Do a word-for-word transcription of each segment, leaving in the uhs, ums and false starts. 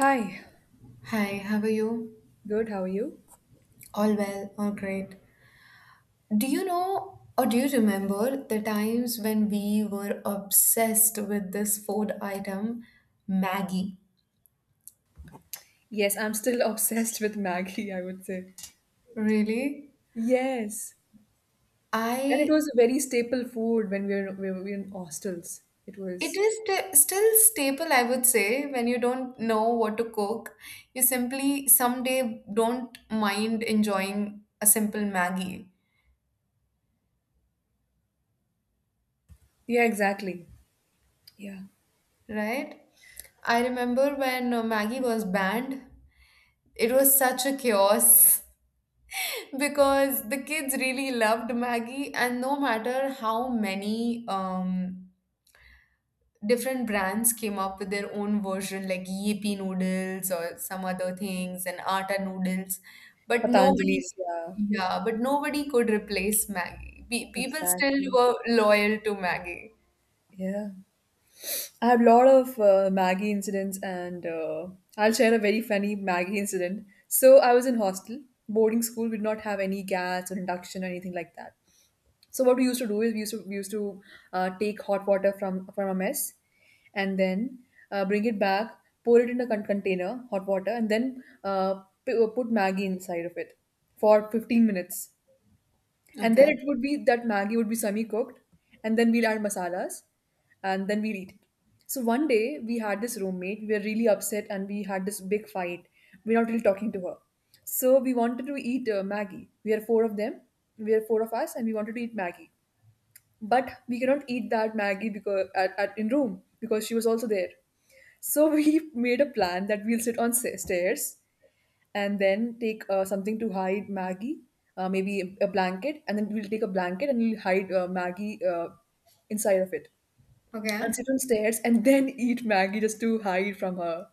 Hi, Hi, how are you? good, how are you? All well, all great. Do you know or do you remember the times when we were obsessed with this food item, Maggie? Yes, I'm still obsessed with Maggie, I would say. Really? Yes. And it I was a very staple food when we were, we were in hostels. It it was, is st- still staple, I would say, when you don't know what to cook. You simply someday don't mind enjoying a simple Maggie, yeah, exactly. Yeah. right? I remember when uh, Maggie was banned. It was such a chaos, because the kids really loved Maggie, and no matter how many um, different brands came up with their own version, like Yippee noodles or some other things, and Atta noodles, but nobody, Patanjali's, yeah, yeah, but nobody could replace Maggie. Pe- people still exactly. were loyal to Maggie. Yeah. I have a lot of uh, Maggie incidents, and uh, I'll share a very funny Maggie incident. So I was in hostel, boarding school, we did not have any gas or induction or anything like that. So what we used to do is we used to we used to uh, take hot water from from a mess, and then uh, bring it back, pour it in a con- container, hot water, and then uh, p- uh, put Maggie inside of it for fifteen minutes, and then Okay. it would be that Maggie would be semi cooked, and then we'll add masalas, and then we'll eat it. So one day we had this roommate. We were really upset, and we had this big fight. We're not really talking to her. So we wanted to eat uh, Maggie. We are four of them. We are four of us, and we wanted to eat Maggie but we cannot eat that Maggie because at, at in room because she was also there. So we made a plan that we'll sit on sa- stairs and then take uh, something to hide Maggie, uh, maybe a blanket, and then we'll take a blanket and we'll hide uh, Maggie, uh, inside of it and Okay. sit on stairs and then eat Maggie just to hide from her.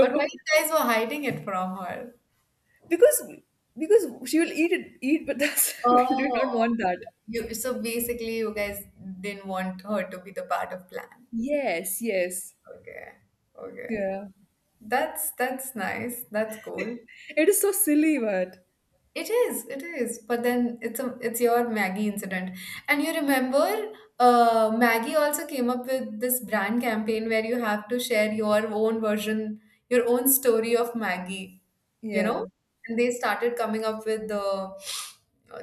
But why you guys were hiding it from her? because because she will eat it eat, but that's we do not Oh, want that. you, so basically, you guys didn't want her to be the part of plan. Yes, yes, Okay. Okay. yeah. That's that's nice. That's cool. It is so silly, but It is. It is. But then it's a it's your Maggie incident. And you remember uh Maggie also came up with this brand campaign where you have to share your own version, your own story of Maggie, you know? yeah. And they started coming up with the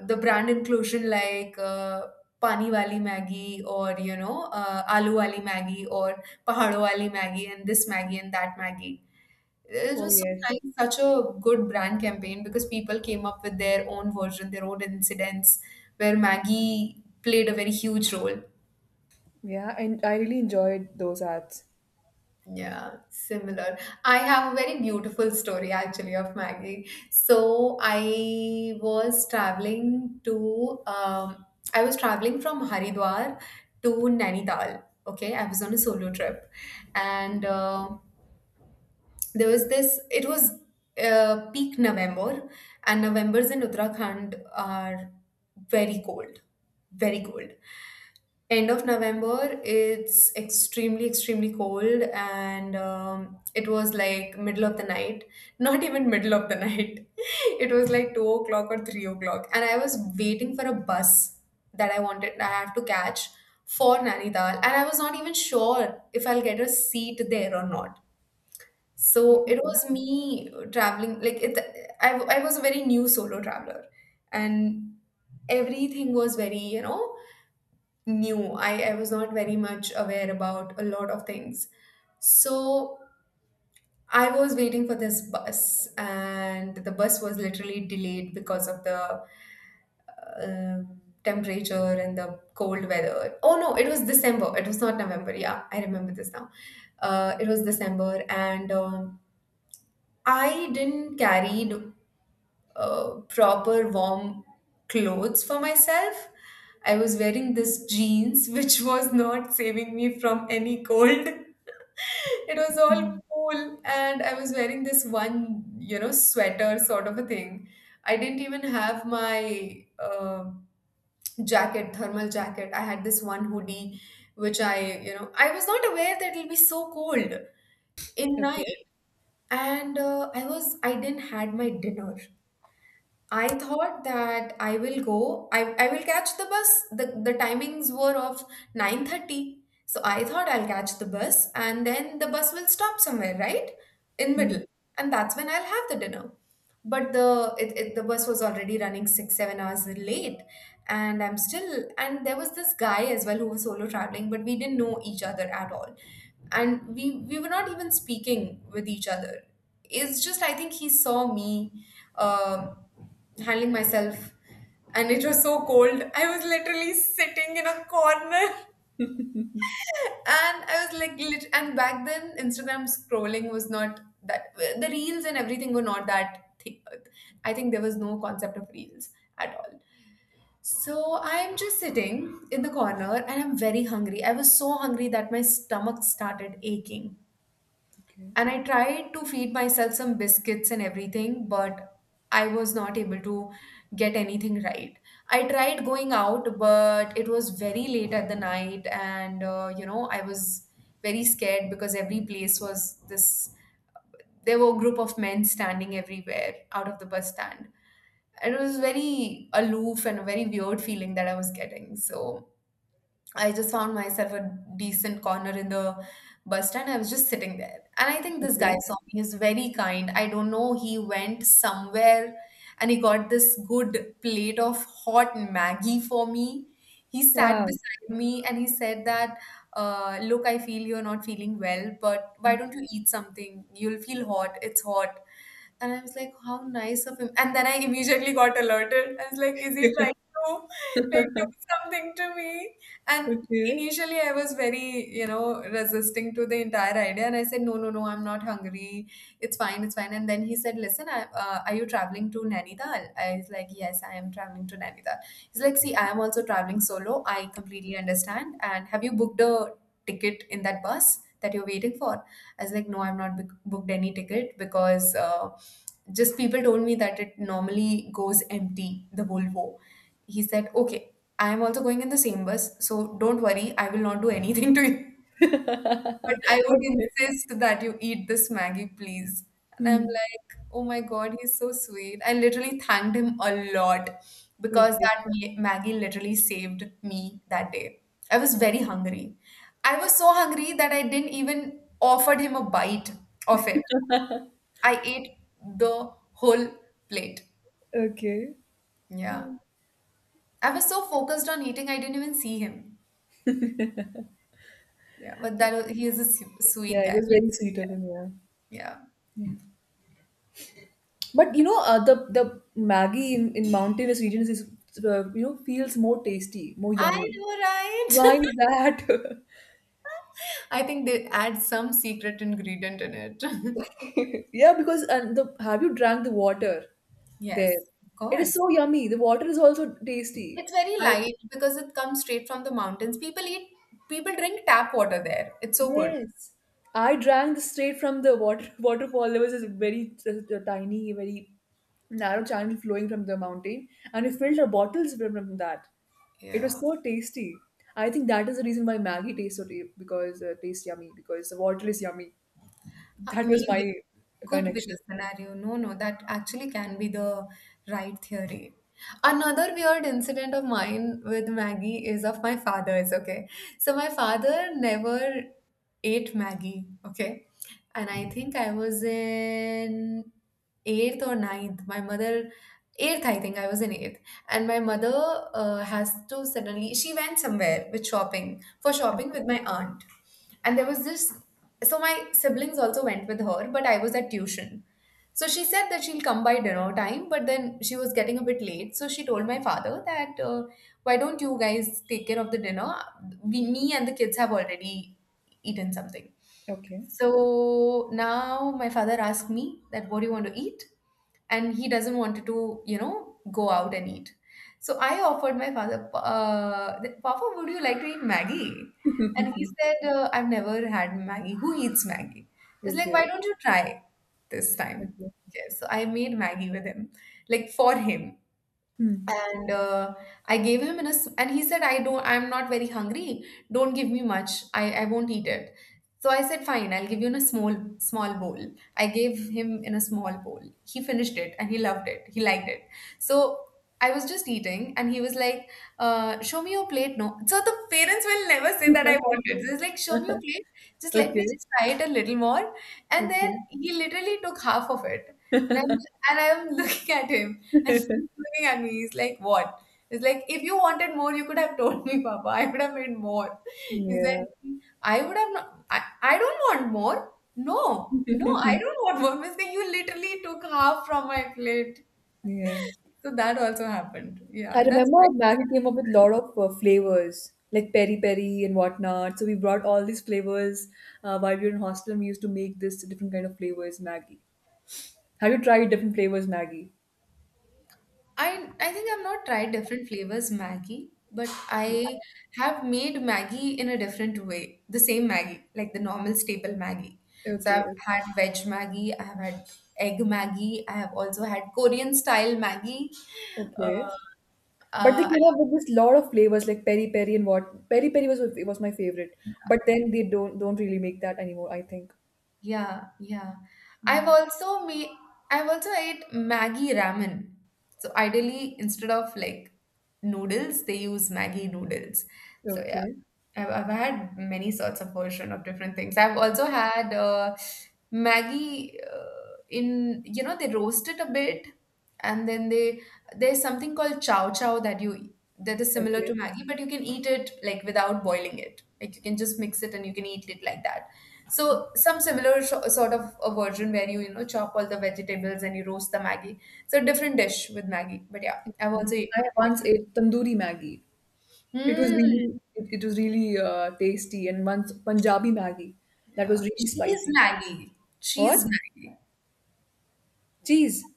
the brand inclusion like uh, Pani Wali Maggie or you know uh, Aloo Wali Maggie or Pahado Wali Maggie and this Maggie and that Maggie. It Oh was so yes, nice, such a good brand campaign because people came up with their own version, their own incidents, where Maggie played a very huge role. yeah, and I really enjoyed those ads. Yeah, similar. I have a very beautiful story actually of Maggie. So I was traveling to, um, I was traveling from Haridwar to Nainital. Okay, I was on a solo trip, and uh, there was this it was uh, peak November, and Novembers in Uttarakhand are very cold, very cold. End of November, it's extremely, extremely cold. And um, it was like middle of the night, not even middle of the night, it was like two o'clock or three o'clock, and I was waiting for a bus that i wanted I have to catch for Nainital, and I was not even sure if I'll get a seat there or not. So Yeah. it was me traveling, like it I, I was a very new solo traveler, and everything was very, you know new. I, I was not very much aware about a lot of things. So I was waiting for this bus, and the bus was literally delayed because of the um temperature and the cold weather. Oh no, it was December, it was not November, yeah, I remember this now. Uh, it was December, and um, I didn't carry no uh, proper warm clothes for myself. I was wearing this jeans, which was not saving me from any cold. It was all cool, and I was wearing this one, you know, sweater sort of a thing. I didn't even have my uh, jacket, thermal jacket. I had this one hoodie, which I, you know, I was not aware that it'll be so cold in Okay. night. And uh, I was, I didn't had my dinner. I thought that I will go. I, I will catch the bus. The, the timings were of nine thirty. So I thought I'll catch the bus and then the bus will stop somewhere, right? In Hmm. middle. And that's when I'll have the dinner. But the it, it, the bus was already running six, seven hours late, and I'm still and there was this guy as well who was solo traveling, but we didn't know each other at all. And we we were not even speaking with each other. It's just I think he saw me um handling myself, and it was so cold. I was literally sitting in a corner, and I was like lit- and back then, Instagram scrolling was not that, the reels and everything were not that. thi- I think there was no concept of reels at all. So I'm just sitting in the corner, and I'm very hungry. I was so hungry that my stomach started aching. Okay. And I tried to feed myself some biscuits and everything, but I was not able to get anything right. I tried going out, but it was very late at the night, and uh, you know, I was very scared because every place was this. There were a group of men standing everywhere out of the bus stand. It was very aloof, and a very weird feeling that I was getting. So I just found myself a decent corner in the bus stand. I was just sitting there. And I think this guy Okay. saw me. He's very kind, I don't know. He went somewhere and he got this good plate of hot Maggie for me. He sat Wow. beside me and he said that, uh, look, I feel you're not feeling well, but why don't you eat something? You'll feel hot. It's hot. And I was like, how nice of him. And then I immediately got alerted. I was like, is he trying to like do something to me? And Okay. initially I was very, you know, resisting to the entire idea. And I said, no, no, no, I'm not hungry. It's fine, it's fine. And then he said, listen, I, uh, are you traveling to Nainital? I was like, yes, I am traveling to Nainital. He's like, see, I am also traveling solo. I completely understand. And have you booked a ticket in that bus that you're waiting for? I was like, no, I've not book- booked any ticket because uh, just people told me that it normally goes empty, the Volvo. He said, okay, I am also going in the same bus, so don't worry, I will not do anything to you, but I would Okay. insist that you eat this Maggie, please. And I'm Hmm. like, oh my God, he's so sweet. I literally thanked him a lot because Okay. that ma- Maggie literally saved me that day. I was very hungry. I was so hungry that I didn't even offered him a bite of it. I ate the whole plate. Okay. Yeah. I was so focused on eating, I didn't even see him. Yeah, but that was, he is a su- Yeah, sweet it guy. was very sweet of him. Yeah. Yeah. But you know, uh, the the Maggie in, in mountainous regions is uh, you know feels more tasty, more I yummy. know, Why right? is that? I think they add some secret ingredient in it. Yeah, because and the have you drank the water there? Yes, of It is course. so yummy. The water is also tasty. It's very I light because it comes straight from the mountains. People eat, people drink tap water there. It's so good. Yes, I drank this straight from the water waterfall. There was this very uh, tiny, very narrow channel flowing from the mountain, and we filled our bottles from, from that. It was Yeah. so tasty. I think that is the reason why Maggie tastes so ta- because uh, tastes yummy because the water is yummy. Uh, That was Maybe my could be the connection. scenario. No, no, that actually can be the right theory. Another weird incident of mine with Maggie is of my father's, okay? So my father never ate Maggie, okay? And I think I was in eighth or ninth. My mother, eighth, I think I was in eighth. And my mother uh, has to suddenly, she went somewhere with shopping, for shopping Okay. with my aunt. And there was this so my siblings also went with her, but I was at tuition. So she said that she'll come by dinner time, but then she was getting a bit late. So she told my father that uh, why don't you guys take care of the dinner? We, me and the kids have already eaten something. Okay. So now my father asked me that what do you want to eat? And he doesn't want to, you know, go out and eat. So I offered my father, uh, that, Papa, would you like to eat Maggie? And he said, uh, I've never had Maggie. Who eats Maggie? It's like, why Okay. don't you try this time? Okay. Okay, so I made Maggie with him, like for him. Hmm. And uh, I gave him in a s- and he said, I don't I'm not very hungry, don't give me much, I I won't eat it. So I said, fine, I'll give you in a small, small bowl. I gave him in a small bowl. He finished it and he loved it, he liked it. So I was just eating, and he was like, uh, show me your plate. No, so the parents will never say that I want it. So it's like, show me your plate, just let me Okay. just try it a little more. And then Okay. he literally took half of it. And I'm and I'm looking at him. And he's looking at me, he's like, What? It's like, if you wanted more, you could have told me, Papa. I would have made more. He said, Yeah. I would have not, I, I don't want more. No, no, I don't want more. Means that you literally took half from my plate. Yeah. So that also happened. Yeah, I that's remember quite Maggi came up with sweet. a lot of uh, flavors, like peri peri and whatnot. So we brought all these flavors uh, while we were in hostel, and we used to make this different kind of flavors Maggi. Have you tried different flavors Maggi? I I think I've not tried different flavors Maggie, but I have made Maggie in a different way. The same Maggie, like the normal staple Maggie. So I've Okay, had veg Maggie, I have had egg Maggie, I have also had Korean style Maggie. Uh, okay. But they uh, came up with this lot of flavors like peri peri and what peri peri was it was my favorite. But then they don't don't really make that anymore. I think. yeah, yeah. I've Yeah. also made I've also ate Maggie ramen. So ideally, instead of like noodles, they use Maggie noodles. So yeah. Okay. I've, I've had many sorts of version of different things. I've also had uh, Maggie uh, in you know they roast it a bit, and then they there's something called chow chow that you that is similar Okay. to Maggie, but you can eat it like without boiling it. Like you can just mix it and you can eat it like that. So some similar sho- sort of a version where you you know chop all the vegetables and you roast the Maggie. So different dish with Maggie, but yeah, I've also had I once that. ate tandoori Maggi. It was Hmm. really it, it was really uh, tasty and once Punjabi Maggi that was Yeah. really She's spicy. Maggie. What? She's Maggie. Cheese.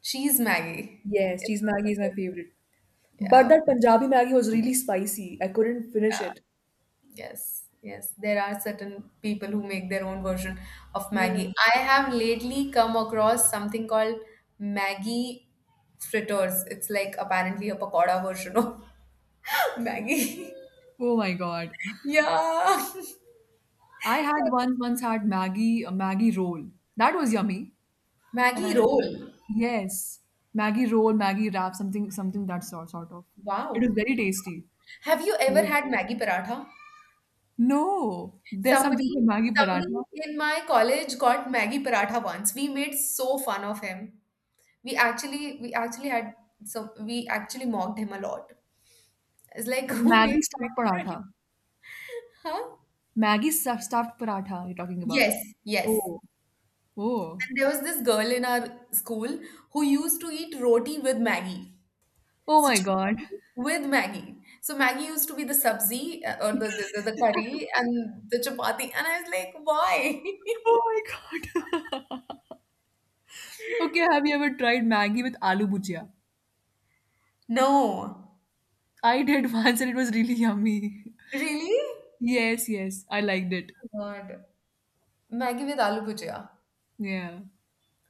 She's Maggie. Yes, It's cheese also Maggi is my good. favorite. But Yeah. that Punjabi Maggi was really spicy. I couldn't finish it. Yes. Yes. There are certain people who make their own version of Yeah. Maggie. I have lately come across something called Maggie fritters. It's like apparently a pakoda version of Maggie. Oh my God. Yeah. I had once once had Maggie a Maggie roll. That was yummy. And I Maggie roll. yes, Maggie roll, Maggie wrap, something something that sort sort of. It Wow. was very tasty. Have you ever Mm. had Maggie paratha? No, there's something Somebody, called Maggie somebody paratha. in my college got Maggie paratha once. We made so fun of him. We actually, we actually had some. We actually mocked him a lot. It's like So who Maggie makes stuffed Maggie paratha? paratha. Huh? Maggi stuff stuffed paratha you're talking Yes, about. yes. Oh, oh, And there was this girl in our school who used to eat roti with Maggie. oh So my God. chapati with Maggie. So Maggie used to be the sabzi, uh, or the, the, the, the curry and the chapati. And I was like, why? Oh my God. Okay, have you ever tried Maggie with aloo bhujia? No. I did once and it was really yummy. Really? Yes, yes, I liked it. God. Maggie with aloo bhujia. Yeah.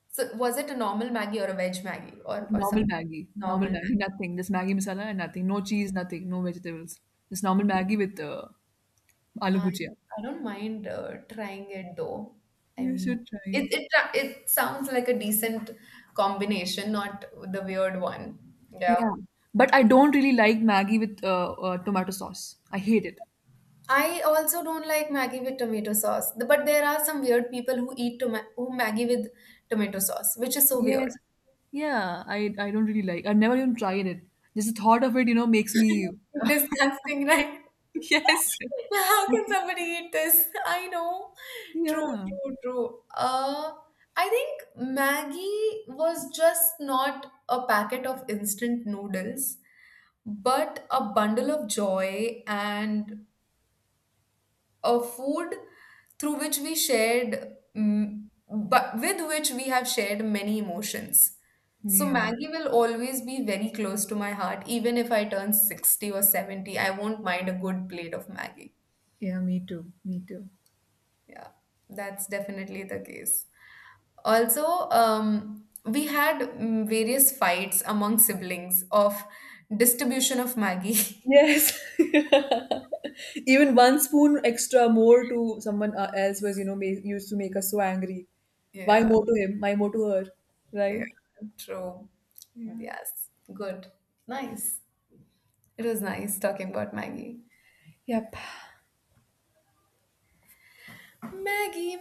So was it a normal Maggie or a veg Maggie or, or some Normal Maggie, Normal normal Maggi? Maggie, nothing. Just Maggie masala and nothing. No cheese, nothing. No vegetables. Just normal Okay. Maggie with uh, aloo I, bhujia. I don't mind uh, trying it though. I You mean, should try it, it. it tra- it sounds like a decent combination, not the weird one. Yeah. Yeah. But I don't really like Maggie with uh, uh, tomato sauce. I hate it. I also don't like Maggi with tomato sauce, but there are some weird people who eat toma- who Maggi with tomato sauce, which is so weird. Yes. Yeah, I I don't really like. I've never even tried it. Just the thought of it, you know, makes me. Disgusting, right? Yes. How can somebody eat this? I know. True, Yeah. true, true. Uh, I think Maggie was just not a packet of instant noodles, but a bundle of joy and a food through which we shared, mm, but with which we have shared many emotions. So Yeah. Maggie will always be very close to my heart, even if I turn sixty or seventy, I won't mind a good plate of Maggie. Yeah. Me too. Me too. Yeah, that's definitely the case. also um, we had mm, various fights among siblings of distribution of Maggie. Yes. Even one spoon extra more to someone uh, else was, you know, ma- used to make us so angry. Why Yeah, more to him? Why more to her? yeah. Right? True. Yeah. Yes. Good. Nice. It was nice talking about Maggie. Yep. Maggie.